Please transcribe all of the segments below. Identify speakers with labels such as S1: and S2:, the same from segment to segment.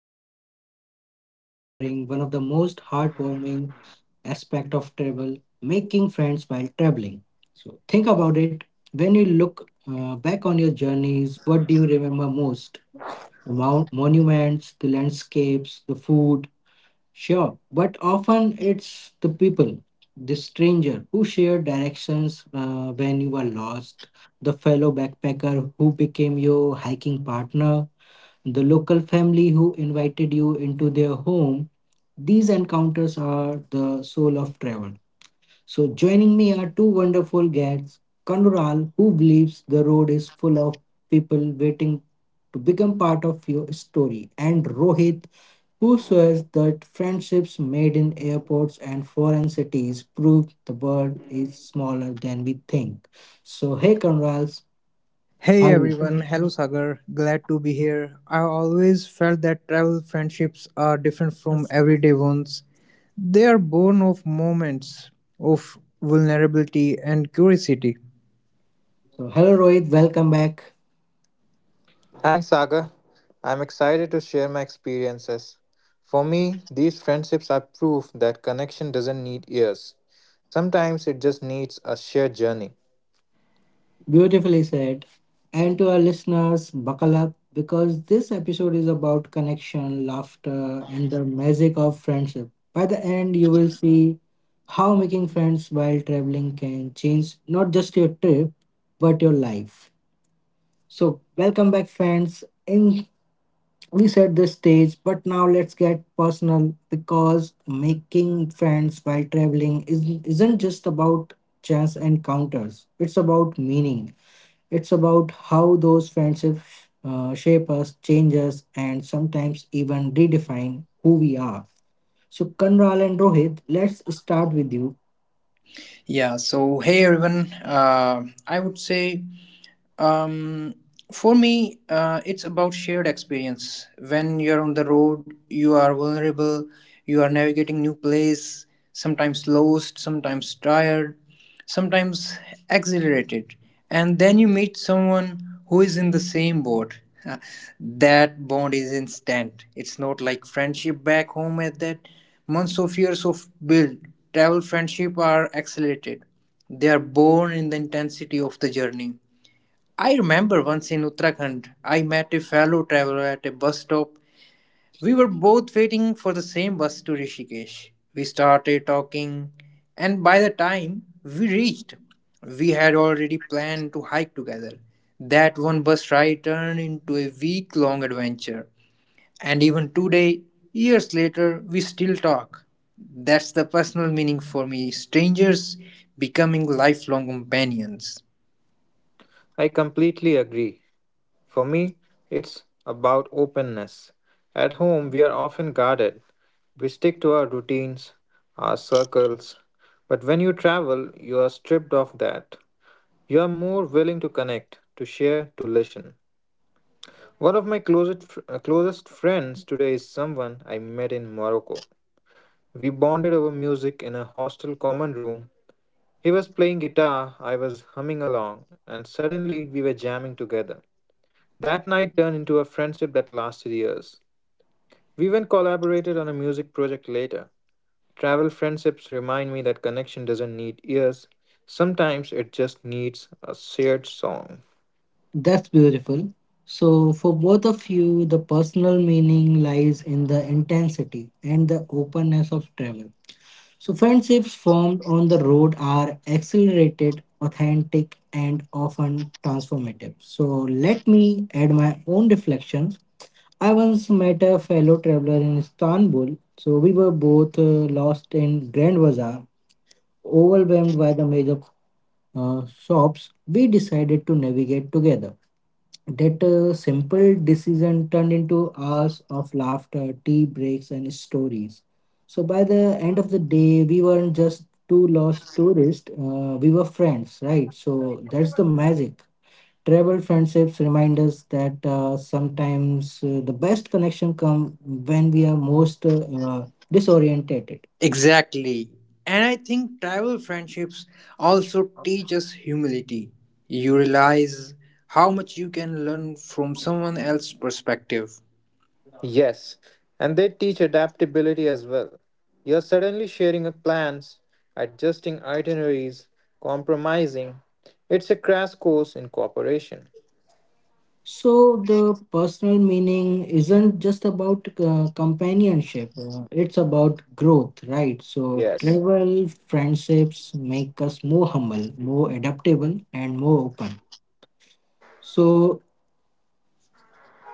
S1: Sagar, and today we are exploring one of the most heartwarming aspect of travel: making friends while traveling. So, think about it. When you look back on your journeys, what do you remember most? The monuments, the landscapes, the food, sure, but often it's the people, the stranger who shared directions when you were lost, the fellow backpacker who became your hiking partner, the local family who invited you into their home. These encounters are the soul of travel. So, joining me are two wonderful guests Kanural, who believes the road is full of people waiting to become part of your story, and Rohit, who swears that friendships made in airports and foreign cities prove the world is smaller than we think. So, hey, Kanural,
S2: Hey
S1: how are
S2: everyone, hello
S1: you?
S2: Sagar, glad to be here. I always felt that travel friendships are different from
S1: So,
S2: everyday ones. They are born of moments of vulnerability and curiosity.
S1: hello, Rohit, welcome back.
S3: Thanks, Sagar. I'm excited to share my experiences. For me, these friendships are proof that connection doesn't need years. Sometimes it just needs a shared journey.
S1: Beautifully said. And to our listeners, buckle up because this episode is about connection, laughter, and the magic of friendship. By the end, you will see how making friends while traveling can change not just your trip, but your life. So, welcome back, friends. In we set the stage, but now let's get personal because making friends while traveling isn't just about chance encounters, it's about meaning it's about how those friendships shape us, change us, and sometimes even redefine who we are. So, Kanral and Rohit, let's start with you.
S2: Yeah, so hey everyone, I would say Um, for me, it's about shared experience. When you're on the road, you are vulnerable, you are navigating new place, sometimes lost, sometimes tired, sometimes exhilarated. And then you meet someone who is in the same boat. That bond is instant. It's not like friendship back home at that months of years of build. Travel friendship are accelerated. They are born in the intensity of the journey. I remember once in Uttarakhand, I met a fellow traveler at a bus stop. We were both waiting for the same bus to Rishikesh. We started talking, and by the time we reached, we had already planned to hike together. That one bus ride turned into a week long adventure. And even today, years later, we still talk. That's the personal meaning for me, strangers becoming lifelong companions.
S3: I completely agree. For me, it's about openness. At home, we are often guarded. We stick to our routines, our circles. But when you travel, you are stripped of that. You are more willing to connect, to share, to listen. One of my closest friends today is someone I met in Morocco. We bonded over music in a hostel common room. He was playing guitar, I was humming along, and suddenly we were jamming together. That night turned into a friendship that lasted years. We even collaborated on a music project later. Travel friendships remind me that connection doesn't need ears, sometimes it just needs a shared song.
S1: That's beautiful. So, for both of you, the personal meaning lies in the intensity and the openness of travel. So, friendships formed on the road are accelerated, authentic, and often transformative. So, let me add my own reflections. I once met a fellow traveler in Istanbul. So, we were both lost in Grand Bazaar, overwhelmed by the major shops, we decided to navigate together. That simple decision turned into hours of laughter, tea breaks, and stories. So by the end of the day, we weren't just two lost tourists, we were friends, right? So that's the magic. Travel friendships remind us that sometimes the best connection come when we are most disorientated.
S2: Exactly. And I think tribal friendships also teach us humility. You realize how much you can learn from someone else's perspective.
S3: Yes, and they teach adaptability as well. You're suddenly sharing plans, adjusting itineraries, compromising. It's a crash course in cooperation.
S1: So the personal meaning isn't just about companionship. It's about growth, right? So
S3: Yes.
S1: travel, friendships make us more humble, more adaptable, and more open. So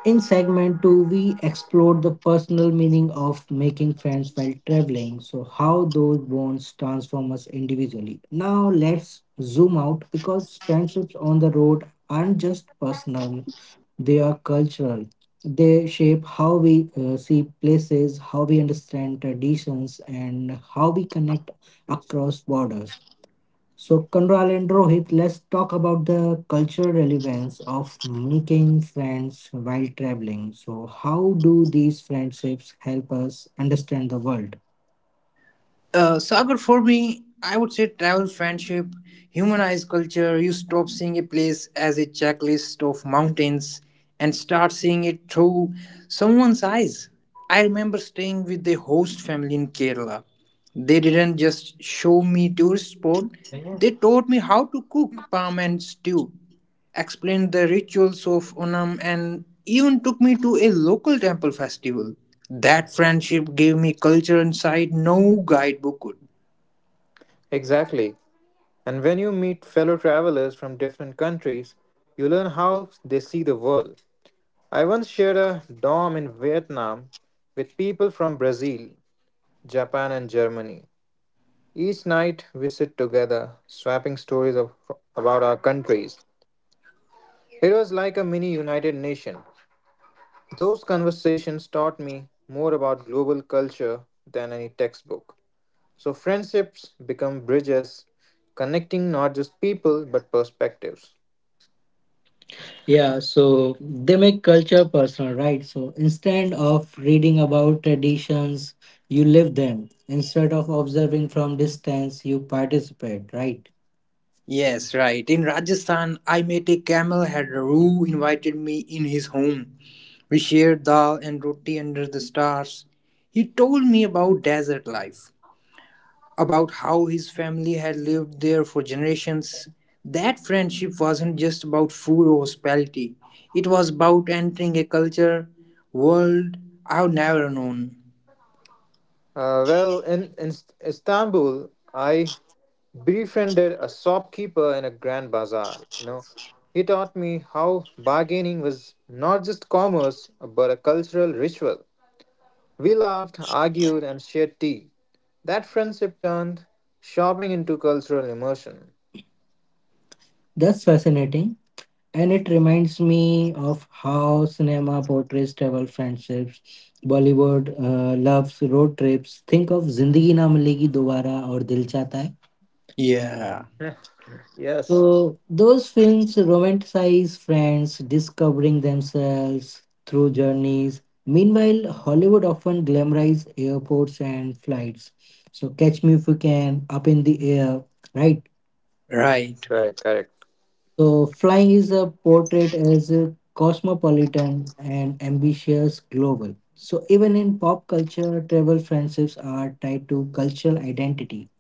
S1: in segment two, we explored the personal meaning of making friends while traveling, so how those bonds transform us individually. Now, let's zoom out because friendships on the road aren't just personal, they are cultural. They shape how we see places, how we understand traditions, and how we connect across borders. So, Kanral and Rohit, let's talk about the cultural relevance of making friends while traveling. So, how do these friendships help us understand the world?
S2: Sagar, for me, I would say travel friendship, humanize culture. You stop seeing a place as a checklist of mountains and start seeing it through someone's eyes. I remember staying with the host family in Kerala. They didn't just show me tourist spot; they taught me how to cook palm and stew, explained the rituals of Onam, and even took me to a local temple festival. That friendship gave me culture inside no guidebook could.
S3: Exactly. And when you meet fellow travelers from different countries, you learn how they see the world. I once shared a dorm in Vietnam with people from Brazil, Japan, and Germany. Each night we sit together, swapping about our countries. It was like a mini United Nation. Those conversations taught me more about global culture than any textbook. So, friendships become bridges, connecting not just people but perspectives.
S1: Yeah, so they make culture personal, right? So, instead of reading about traditions, you live them. Instead of observing from distance, you participate, right?
S2: Yes, right. In Rajasthan, I met a camel herder who invited me in his home. We shared dal and roti under the stars. He told me about desert life, about how his family had lived there for generations. That friendship wasn't just about food or hospitality, it was about entering a culture, world I've never known.
S3: In Istanbul, I befriended a shopkeeper in a grand bazaar. You know, he taught me how bargaining was not just commerce but a cultural ritual. We laughed, argued, and shared tea. That friendship turned shopping into cultural immersion.
S1: That's fascinating. And it reminds me of how cinema portrays travel friendships. Bollywood loves road trips. Think of Zindagi Na Milegi Dobara or Dil Chahta Hai.
S2: Yeah.
S3: Yes.
S1: So those films romanticize friends discovering themselves through journeys. Meanwhile, Hollywood often glamorizes airports and flights. So catch me if you can, up in the air, right?
S2: Right.
S3: Correct, correct.
S1: So, flying is a portrait as a cosmopolitan and ambitious global. So, even in pop culture, travel friendships are tied to cultural identity.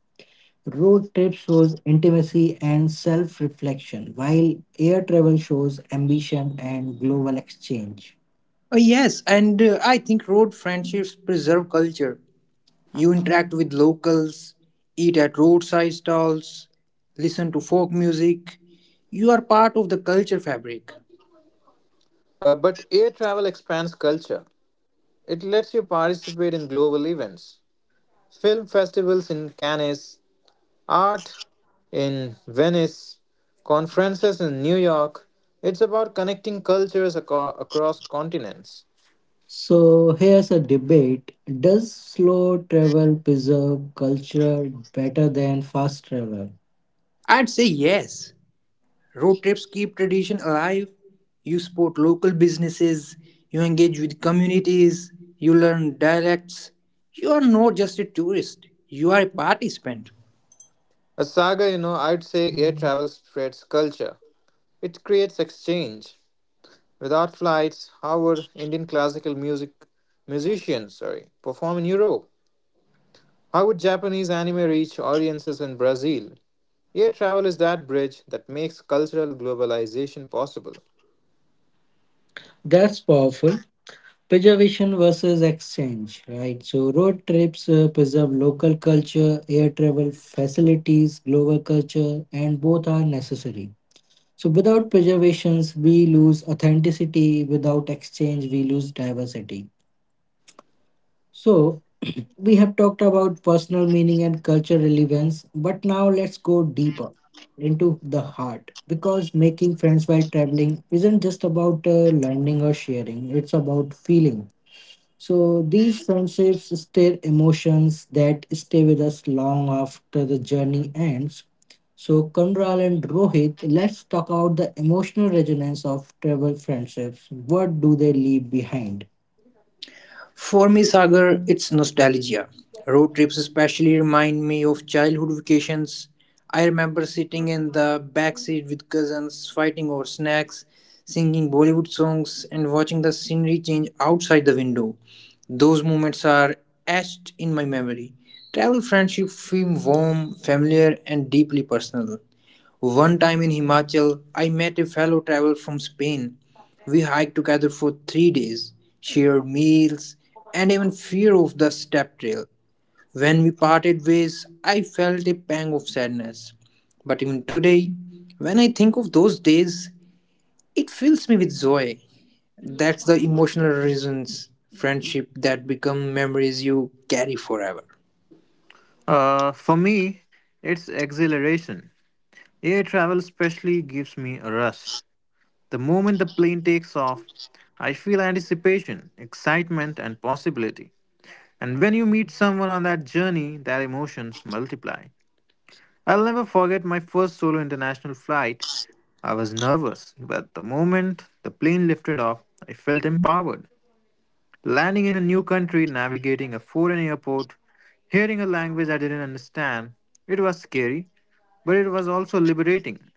S1: Road trip shows intimacy and self reflection, while air travel shows ambition and global exchange.
S2: Yes, and I think road friendships preserve culture. You interact with locals, eat at roadside stalls, listen to folk music. You are part of the culture fabric.
S3: But air travel expands culture. It lets you participate in global events, film festivals in Cannes, art in Venice, conferences in New York. It's about connecting cultures across continents.
S1: So, here's a debate. Does slow travel preserve culture better than fast travel?
S2: I'd say yes. Road trips keep tradition alive. You support local businesses, you engage with communities, you learn dialects. You are not just a tourist, you are a participant.
S3: A saga, you know, I'd say air travel spreads culture. It creates exchange. Without flights, how would Indian classical musicians, sorry, perform in Europe? How would Japanese anime reach audiences in Brazil? Air travel is that bridge that makes cultural globalization possible.
S1: That's powerful. Preservation versus exchange, right? So road trips preserve local culture, air travel facilities, global culture, and both are necessary. So without preservations, we lose authenticity. Without exchange, we lose diversity. So we have talked about personal meaning and cultural relevance, but now let's go deeper into the heart because making friends while traveling isn't just about learning or sharing, it's about feeling. So these friendships stir emotions that stay with us long after the journey ends. So Kundral and Rohit, let's talk about the emotional resonance of travel friendships. What do they leave behind?
S2: For me, Sagar, it's nostalgia. Road trips especially remind me of childhood vacations. I remember sitting in the backseat with cousins, fighting over snacks, singing Bollywood songs, and watching the scenery change outside the window. Those moments are etched in my memory. Travel friendship feel warm, familiar, and deeply personal. One time in Himachal, I met a fellow traveler from Spain. We hiked together for 3 days, shared meals, and even fear of the step trail. When we parted ways, I felt a pang of sadness. But even today, when I think of those days, it fills me with joy. That's the emotional reasons, friendship that become memories you carry forever.
S3: For me, it's exhilaration. Air travel especially gives me a rush. The moment the plane takes off, I feel anticipation, excitement, and possibility. And when you meet someone on that journey, their emotions multiply. I'll never forget my first solo international flight. I was nervous, but the moment the plane lifted off, I felt empowered. Landing in a new country, navigating a foreign airport, hearing a language I didn't understand, it was scary, but it was also liberating.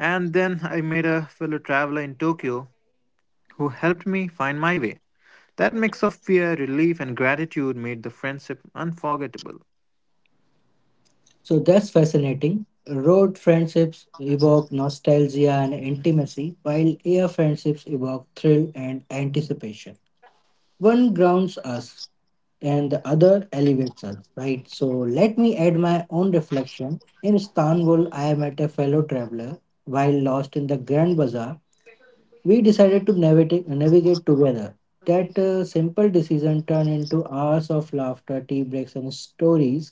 S3: And then I met a fellow traveler in Tokyo who helped me find my way. That mix of fear, relief, and gratitude made the friendship unforgettable.
S1: So that's fascinating. Road friendships evoke nostalgia and intimacy, while air friendships evoke thrill and anticipation. One grounds us and the other elevates us, right? So let me add my own reflection. In Istanbul, I met a fellow traveler while lost in the Grand Bazaar. We decided to navigate together. That simple decision turned into hours of laughter, tea breaks, and stories.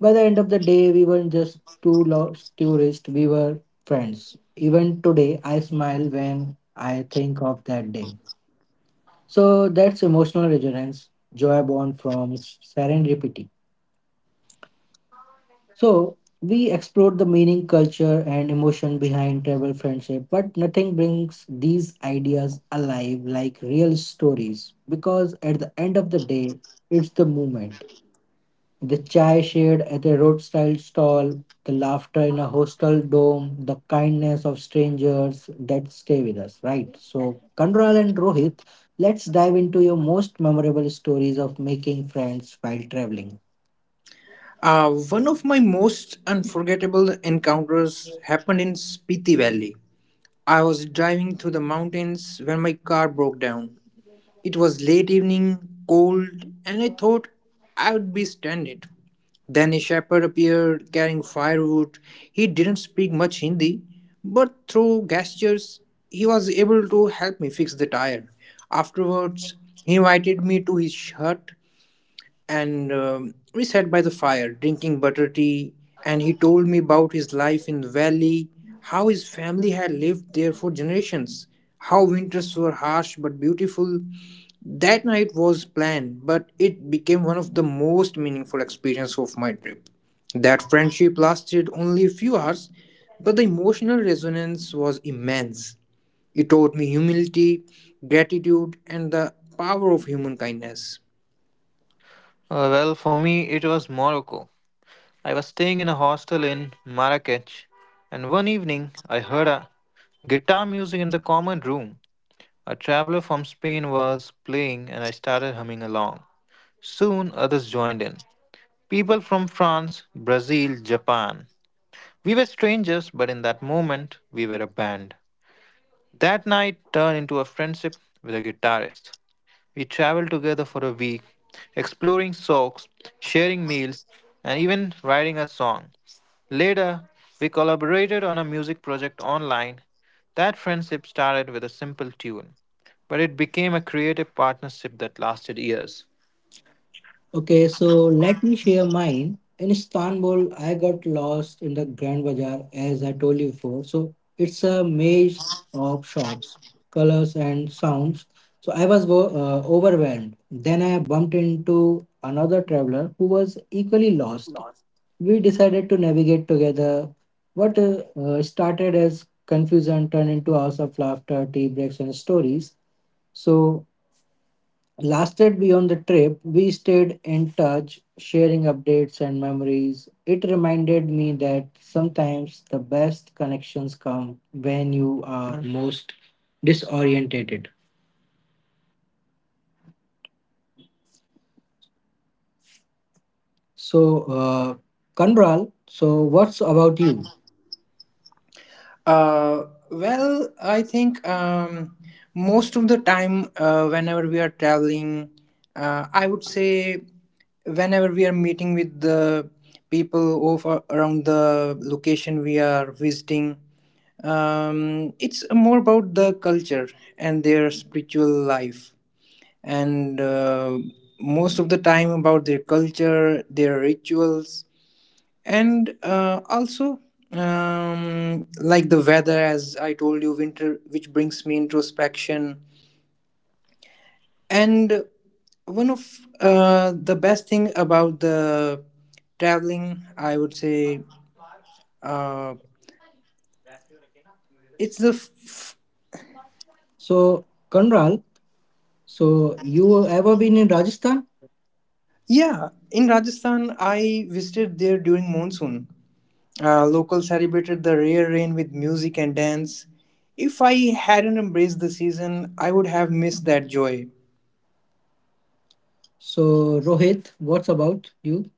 S1: By the end of the day, we weren't just two lost tourists, we were friends. Even today, I smile when I think of that day. So that's emotional resonance, joy born from serendipity. So we explored the meaning, culture, and emotion behind tribal friendship, but nothing brings these ideas alive like real stories because at the end of the day, it's the movement. The chai shared at a roadside stall, the laughter in a hostel dome, the kindness of strangers that stay with us, right? So, Kandral and Rohit, let's dive into your most memorable stories of making friends while traveling.
S2: One of my most unforgettable encounters happened in Spiti Valley. I was driving through the mountains when my car broke down. It was late evening, cold, and I thought I would be stranded. Then a shepherd appeared carrying firewood. He didn't speak much Hindi, but through gestures, he was able to help me fix the tire. Afterwards, he invited me to his hut and we sat by the fire drinking butter tea, and he told me about his life in the valley, how his family had lived there for generations, how winters were harsh but beautiful. That night was planned, but it became one of the most meaningful experiences of my trip. That friendship lasted only a few hours, but the emotional resonance was immense. It taught me humility, gratitude and the power of human kindness.
S3: For me, it was Morocco. I was staying in a hostel in Marrakech, and one evening I heard a guitar music in the common room. A traveler from Spain was playing, and I started humming along. Soon others joined in. People from France, Brazil, Japan. We were strangers, but in that moment, we were a band. That night turned into a friendship with a guitarist. We traveled together for a week, exploring socks, sharing meals, and even writing a song. Later, we collaborated on a music project online. That friendship started with a simple tune, but it became a creative partnership that lasted years.
S1: Okay, so let me share mine. In Istanbul, I got lost in the Grand Bazaar, as I told you before. So it's a maze of shops, colors, and sounds. So I was overwhelmed. Then I bumped into another traveler who was equally lost. We decided to navigate together. What started as confusion turned into hours of laughter, tea breaks, and stories. So lasted beyond the trip, we stayed in touch, sharing updates and memories. It reminded me that sometimes the best connections come when you are most disorientated. So, Kanral, so what's about you?
S2: Well, I think most of the time, whenever we are traveling, I would say whenever we are meeting with the people of around the location we are visiting, it's more about the culture and their spiritual life, and most of the time about their culture, their rituals, and also like the weather. As I told you, winter, which brings me introspection, and one of the best thing about the traveling I would say uh, it's the
S1: So, Kanral, so you ever been in Rajasthan?
S2: yeah. In Rajasthan, I visited there during monsoon. Locals celebrated the rare rain with music and dance. If I hadn't embraced the season, I would have missed that joy.
S1: So, Rohit, what's about you?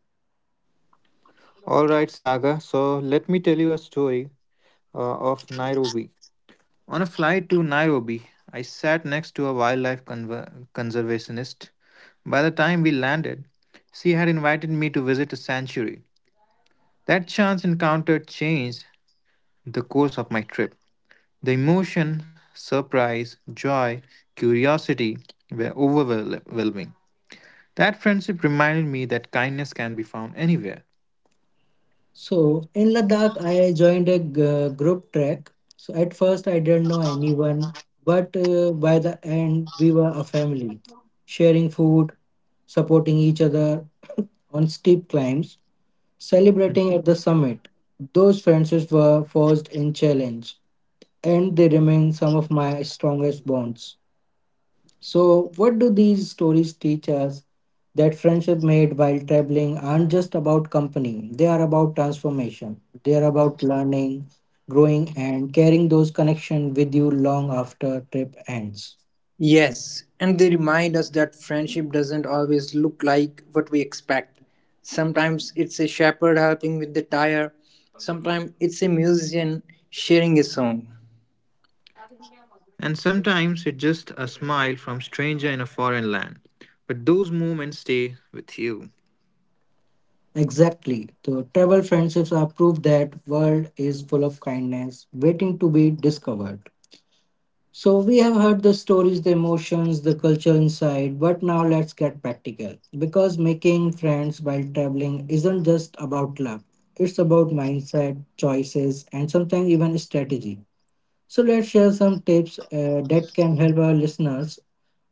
S3: All right, Saga. So let me tell you a story of Nairobi. On a flight to Nairobi, I sat next to a wildlife conservationist. By the time we landed, she had invited me to visit a sanctuary. That chance encounter changed the course of my trip. The emotion, surprise, joy, curiosity were overwhelming. That friendship reminded me that kindness can be found anywhere.
S1: So in Ladakh, I joined a group trek. So at first, I didn't know anyone, but by the end, we were a family, sharing food, supporting each other on steep climbs, celebrating at the summit. Those friendships were forged in challenge, and they remain some of my strongest bonds. So, what do these stories teach us? That friendship made while traveling aren't just about company, they are about transformation. They are about learning, growing, and carrying those connections with you long after trip ends.
S2: Yes, and they remind us that friendship doesn't always look like what we expect. Sometimes it's a shepherd helping with the tire, sometimes it's a musician sharing a song.
S3: And sometimes it's just a smile from stranger in a foreign land. But those moments stay with you.
S1: Exactly. The travel friendships are proof that world is full of kindness, waiting to be discovered. So we have heard the stories, the emotions, the culture inside, but now let's get practical. Because making friends while traveling isn't just about luck. It's about mindset, choices, and sometimes even strategy. So let's share some tips that can help our listeners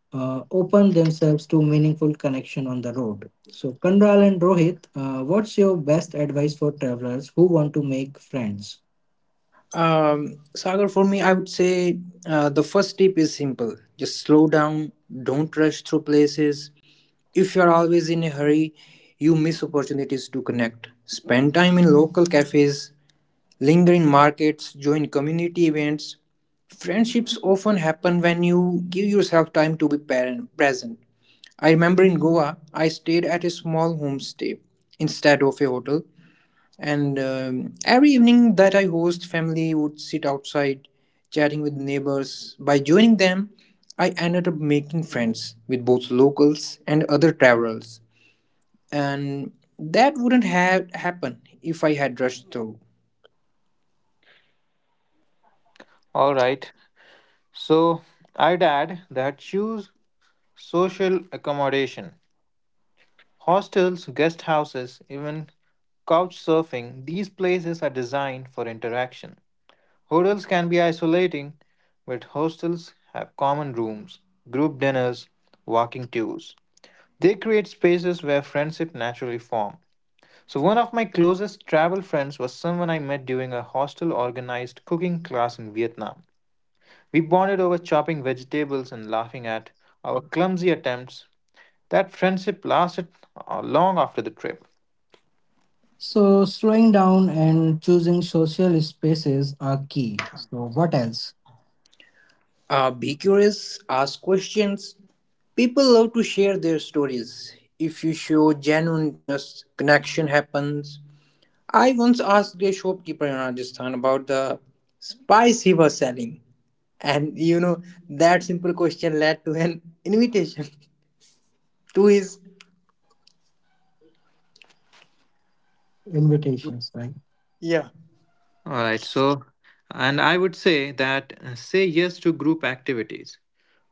S1: open themselves to meaningful connection on the road. So Kandral and Rohit, what's your best advice for travelers who want to make friends?
S2: Sagar, for me, I would say the first tip is simple, just slow down, don't rush through places. If you're always in a hurry, you miss opportunities to connect. Spend time in local cafes, lingering markets, join community events. Friendships often happen when you give yourself time to be parent, present. I remember in Goa, I stayed at a small homestay instead of a hotel. And every evening that I host, family would sit outside chatting with neighbors. By joining them, I ended up making friends with both locals and other travelers. And that wouldn't have happened if I had rushed through.
S3: All right. So I'd add that choose social accommodation. Hostels, guest houses, even couch surfing, these places are designed for interaction. Hotels can be isolating, but hostels have common rooms, group dinners, walking tours. They create spaces where friendship naturally form. So one of my closest travel friends was someone I met during a hostel organized cooking class in Vietnam. We bonded over chopping vegetables and laughing at our clumsy attempts. That friendship lasted long after the trip.
S1: So, slowing down and choosing social spaces are key. So, what else?
S2: Be curious, ask questions. People love to share their stories. If you show genuine interest, connection happens. I once asked a shopkeeper in Rajasthan about the spice he was selling. And you know, that simple question led to an invitation to his.
S3: All
S1: Invitations, right?
S2: Yeah.
S3: right, so and I would say that say yes to group activities.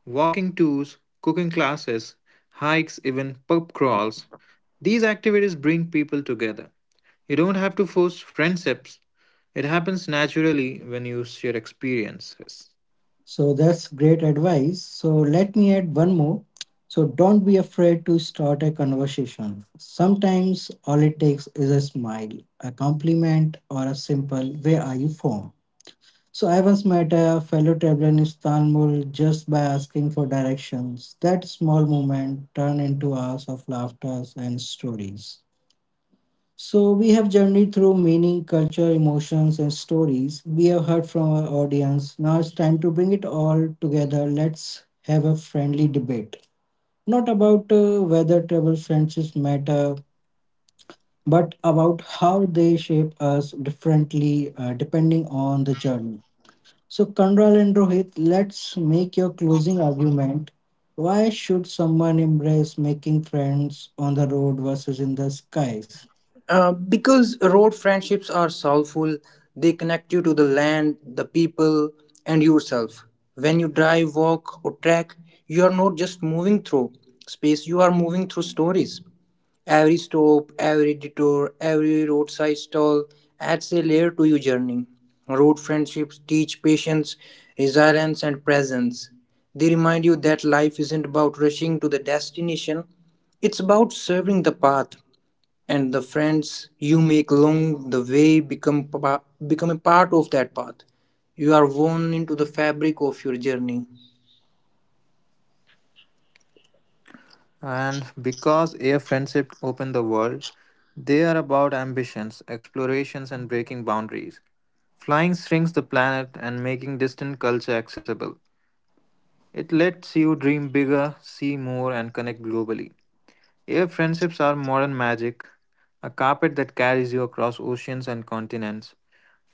S3: Walking tours, cooking classes, hikes, even pub crawls. These activities bring people together. You don't have to force friendships, it happens naturally when you share experiences.
S1: So, that's great advice. So, let me add one more. So, don't be afraid to start a conversation. Sometimes all it takes is a smile, a compliment, or a simple, "Where are you from?" So, I once met a fellow traveler in Istanbul just by asking for directions. That small moment turned into hours of laughter and stories. So, we have journeyed through meaning, culture, emotions, and stories we have heard from our audience. Now it's time to bring it all together. Let's have a friendly debate. Not about whether travel friendships matter, but about how they shape us differently depending on the journey. So, Kanral and Rohit, let's make your closing argument. Why should someone embrace making friends on the road versus in the skies?
S2: Because road friendships are soulful, they connect you to the land, the people, and yourself. When you drive, walk, or trek, you are not just moving through space, you are moving through stories. Every stop, every detour, every roadside stall adds a layer to your journey. Road friendships teach patience, resilience, and presence. They remind you that life isn't about rushing to the destination, it's about serving the path, and the friends you make along the way become a part of that path. You are woven into the fabric of your journey.
S3: And because air friendship open the world, they are about ambitions, explorations, and breaking boundaries. Flying shrinks the planet and making distant culture accessible. It lets you dream bigger, see more, and connect globally. Your friendships are modern magic, a carpet that carries you across oceans and continents.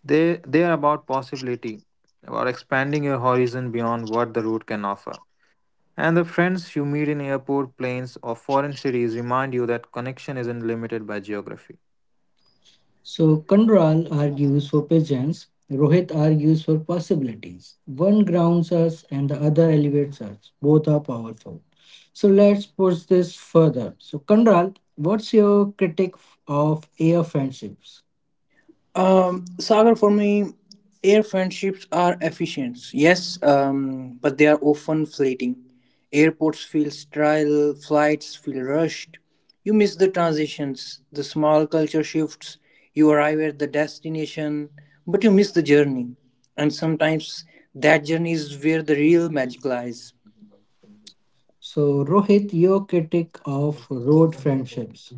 S3: They are about possibility, about expanding your horizon beyond what the road can offer. And the friends you meet in airport, planes, or foreign cities remind you that connection isn't limited by geography.
S1: So Kandral argues for pigeons, Rohit argues for possibilities. One grounds us and the other elevates us. Both are powerful. So let's push this further. So Kandral, what's your critique of air friendships?
S2: Sagar, for me, air friendships are efficient, yes, but they are often fleeting. Airports feel sterile, flights feel rushed. You miss the transitions, the small culture shifts. You arrive at the destination, but you miss the journey. And sometimes that journey is where the real magic lies.
S1: So Rohit, your critique of road friendships.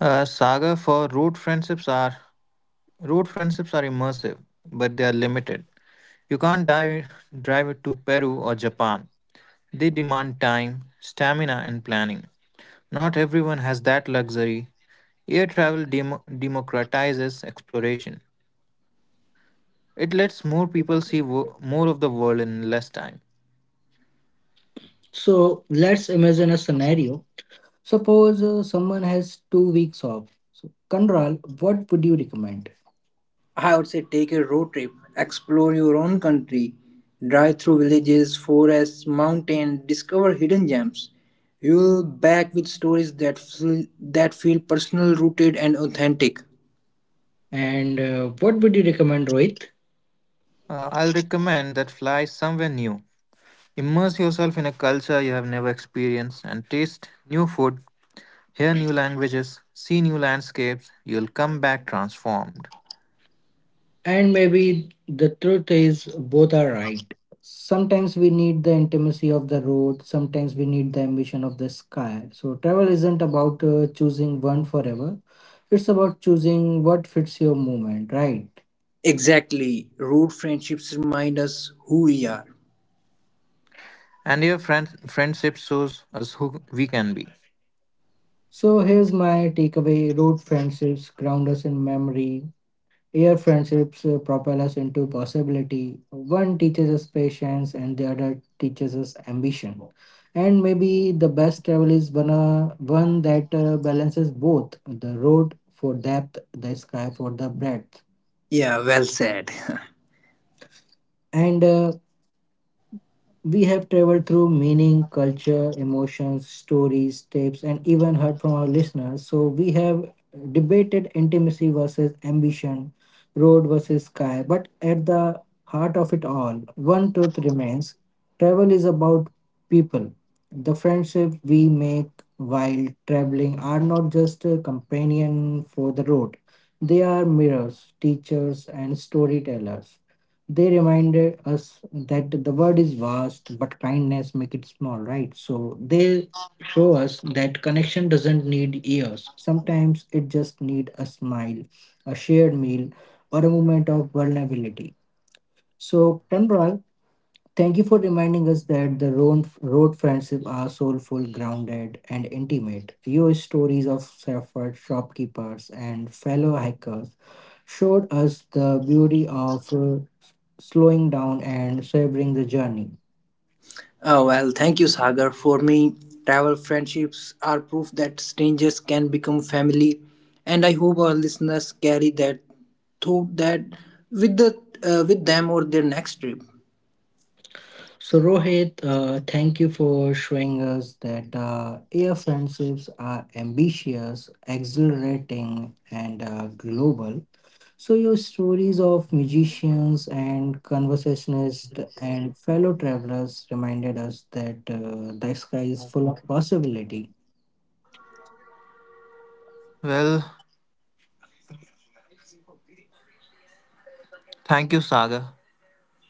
S3: Saga for road friendships are immersive, but they are limited. You can't dive, drive it to Peru or Japan. They demand time, stamina, and planning. Not everyone has that luxury. Air travel democratizes exploration. It lets more people more of the world in less time.
S1: So let's imagine a scenario. Suppose someone has 2 weeks off. So Kandral, what would you recommend?
S2: I would say take a road trip, explore your own country, drive through villages, forests, mountains, discover hidden gems. You'll back with stories that feel personal, rooted, and authentic.
S1: And what would you recommend, Rohit?
S3: I'll recommend that fly somewhere new. Immerse yourself in a culture you have never experienced and taste new food, hear new languages, see new landscapes. You'll come back transformed.
S1: And maybe the truth is, both are right. Sometimes we need the intimacy of the road, sometimes we need the ambition of the sky. So, travel isn't about choosing one forever, it's about choosing what fits your moment, right?
S2: Exactly. Road friendships remind us who we are.
S3: And your friendship shows us who we can be.
S1: So, here's my takeaway road friendships ground us in memory, your friendships propel us into possibility. One teaches us patience, and the other teaches us ambition. And maybe the best travel is one that balances both the road for depth, the sky for the breadth.
S2: Yeah, well said.
S1: And we have traveled through meaning, culture, emotions, stories, tips, and even heard from our listeners. So we have debated intimacy versus ambition, road versus sky. But at the heart of it all, one truth remains travel is about people. The friendship we make while traveling are not just a companion for the road, they are mirrors, teachers, and storytellers. They reminded us that the world is vast, but kindness make it small, right? So they show us that connection doesn't need years. Sometimes it just need a smile, a shared meal, or a moment of vulnerability. So, Conrad, thank you for reminding us that road friendships are soulful, grounded, and intimate. Your stories of surfers, shopkeepers, and fellow hikers showed us the beauty of slowing down and savoring the journey.
S2: Oh, well, thank you, Sagar. For me, travel friendships are proof that strangers can become family, and I hope our listeners carry that thought, that with the with them or their next trip.
S1: So, Rohit, thank you for showing us that air friendships are ambitious, exhilarating, and global. So, your stories of musicians and conversationists and fellow travelers reminded us that the sky is full of possibility.
S3: Well, thank you, Saga.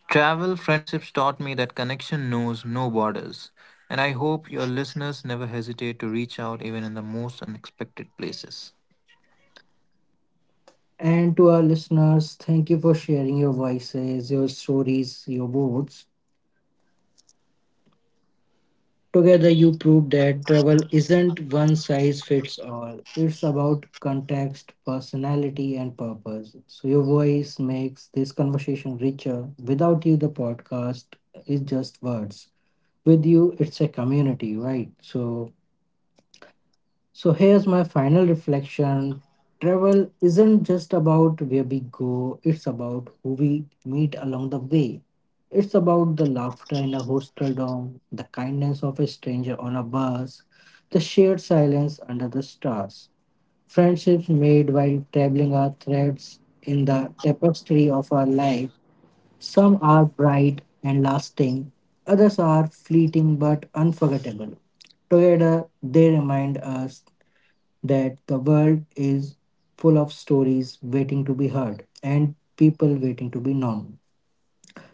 S3: Travel friendships taught me that connection knows no borders, and I hope your listeners never hesitate to reach out even in the most unexpected places.
S1: And to our listeners, thank you for sharing your voices, your stories, your words. Together, you prove that travel isn't one size fits all. It's about context, personality, and purpose. So, your voice makes this conversation richer. Without you, the podcast is just words. With you, it's a community, right? So here's my final reflection. Travel isn't just about where we go, it's about who we meet along the way. It's about the laughter in a hostel dorm, the kindness of a stranger on a bus, the shared silence under the stars. Friendships made while traveling are threads in the tapestry of our life. Some are bright and lasting, others are fleeting but unforgettable. Together, they remind us that the world is full of stories waiting to be heard and people waiting to be known.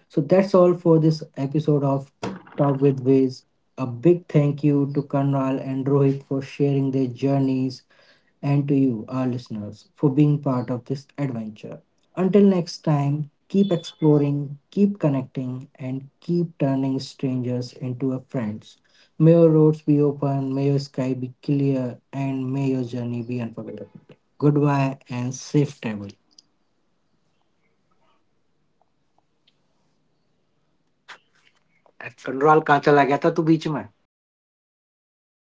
S1: So that's all for this episode of Talk with Viz. A big thank you to Kanral and Rohit for sharing their journeys and to you, our listeners, for being part of this adventure. Until next time, keep exploring, keep connecting, and keep turning strangers into a friends. May your roads be open, may your sky be clear, and may your journey be unforgettable. Good bye and safe travel control कहाँ चला गया था तू बीच में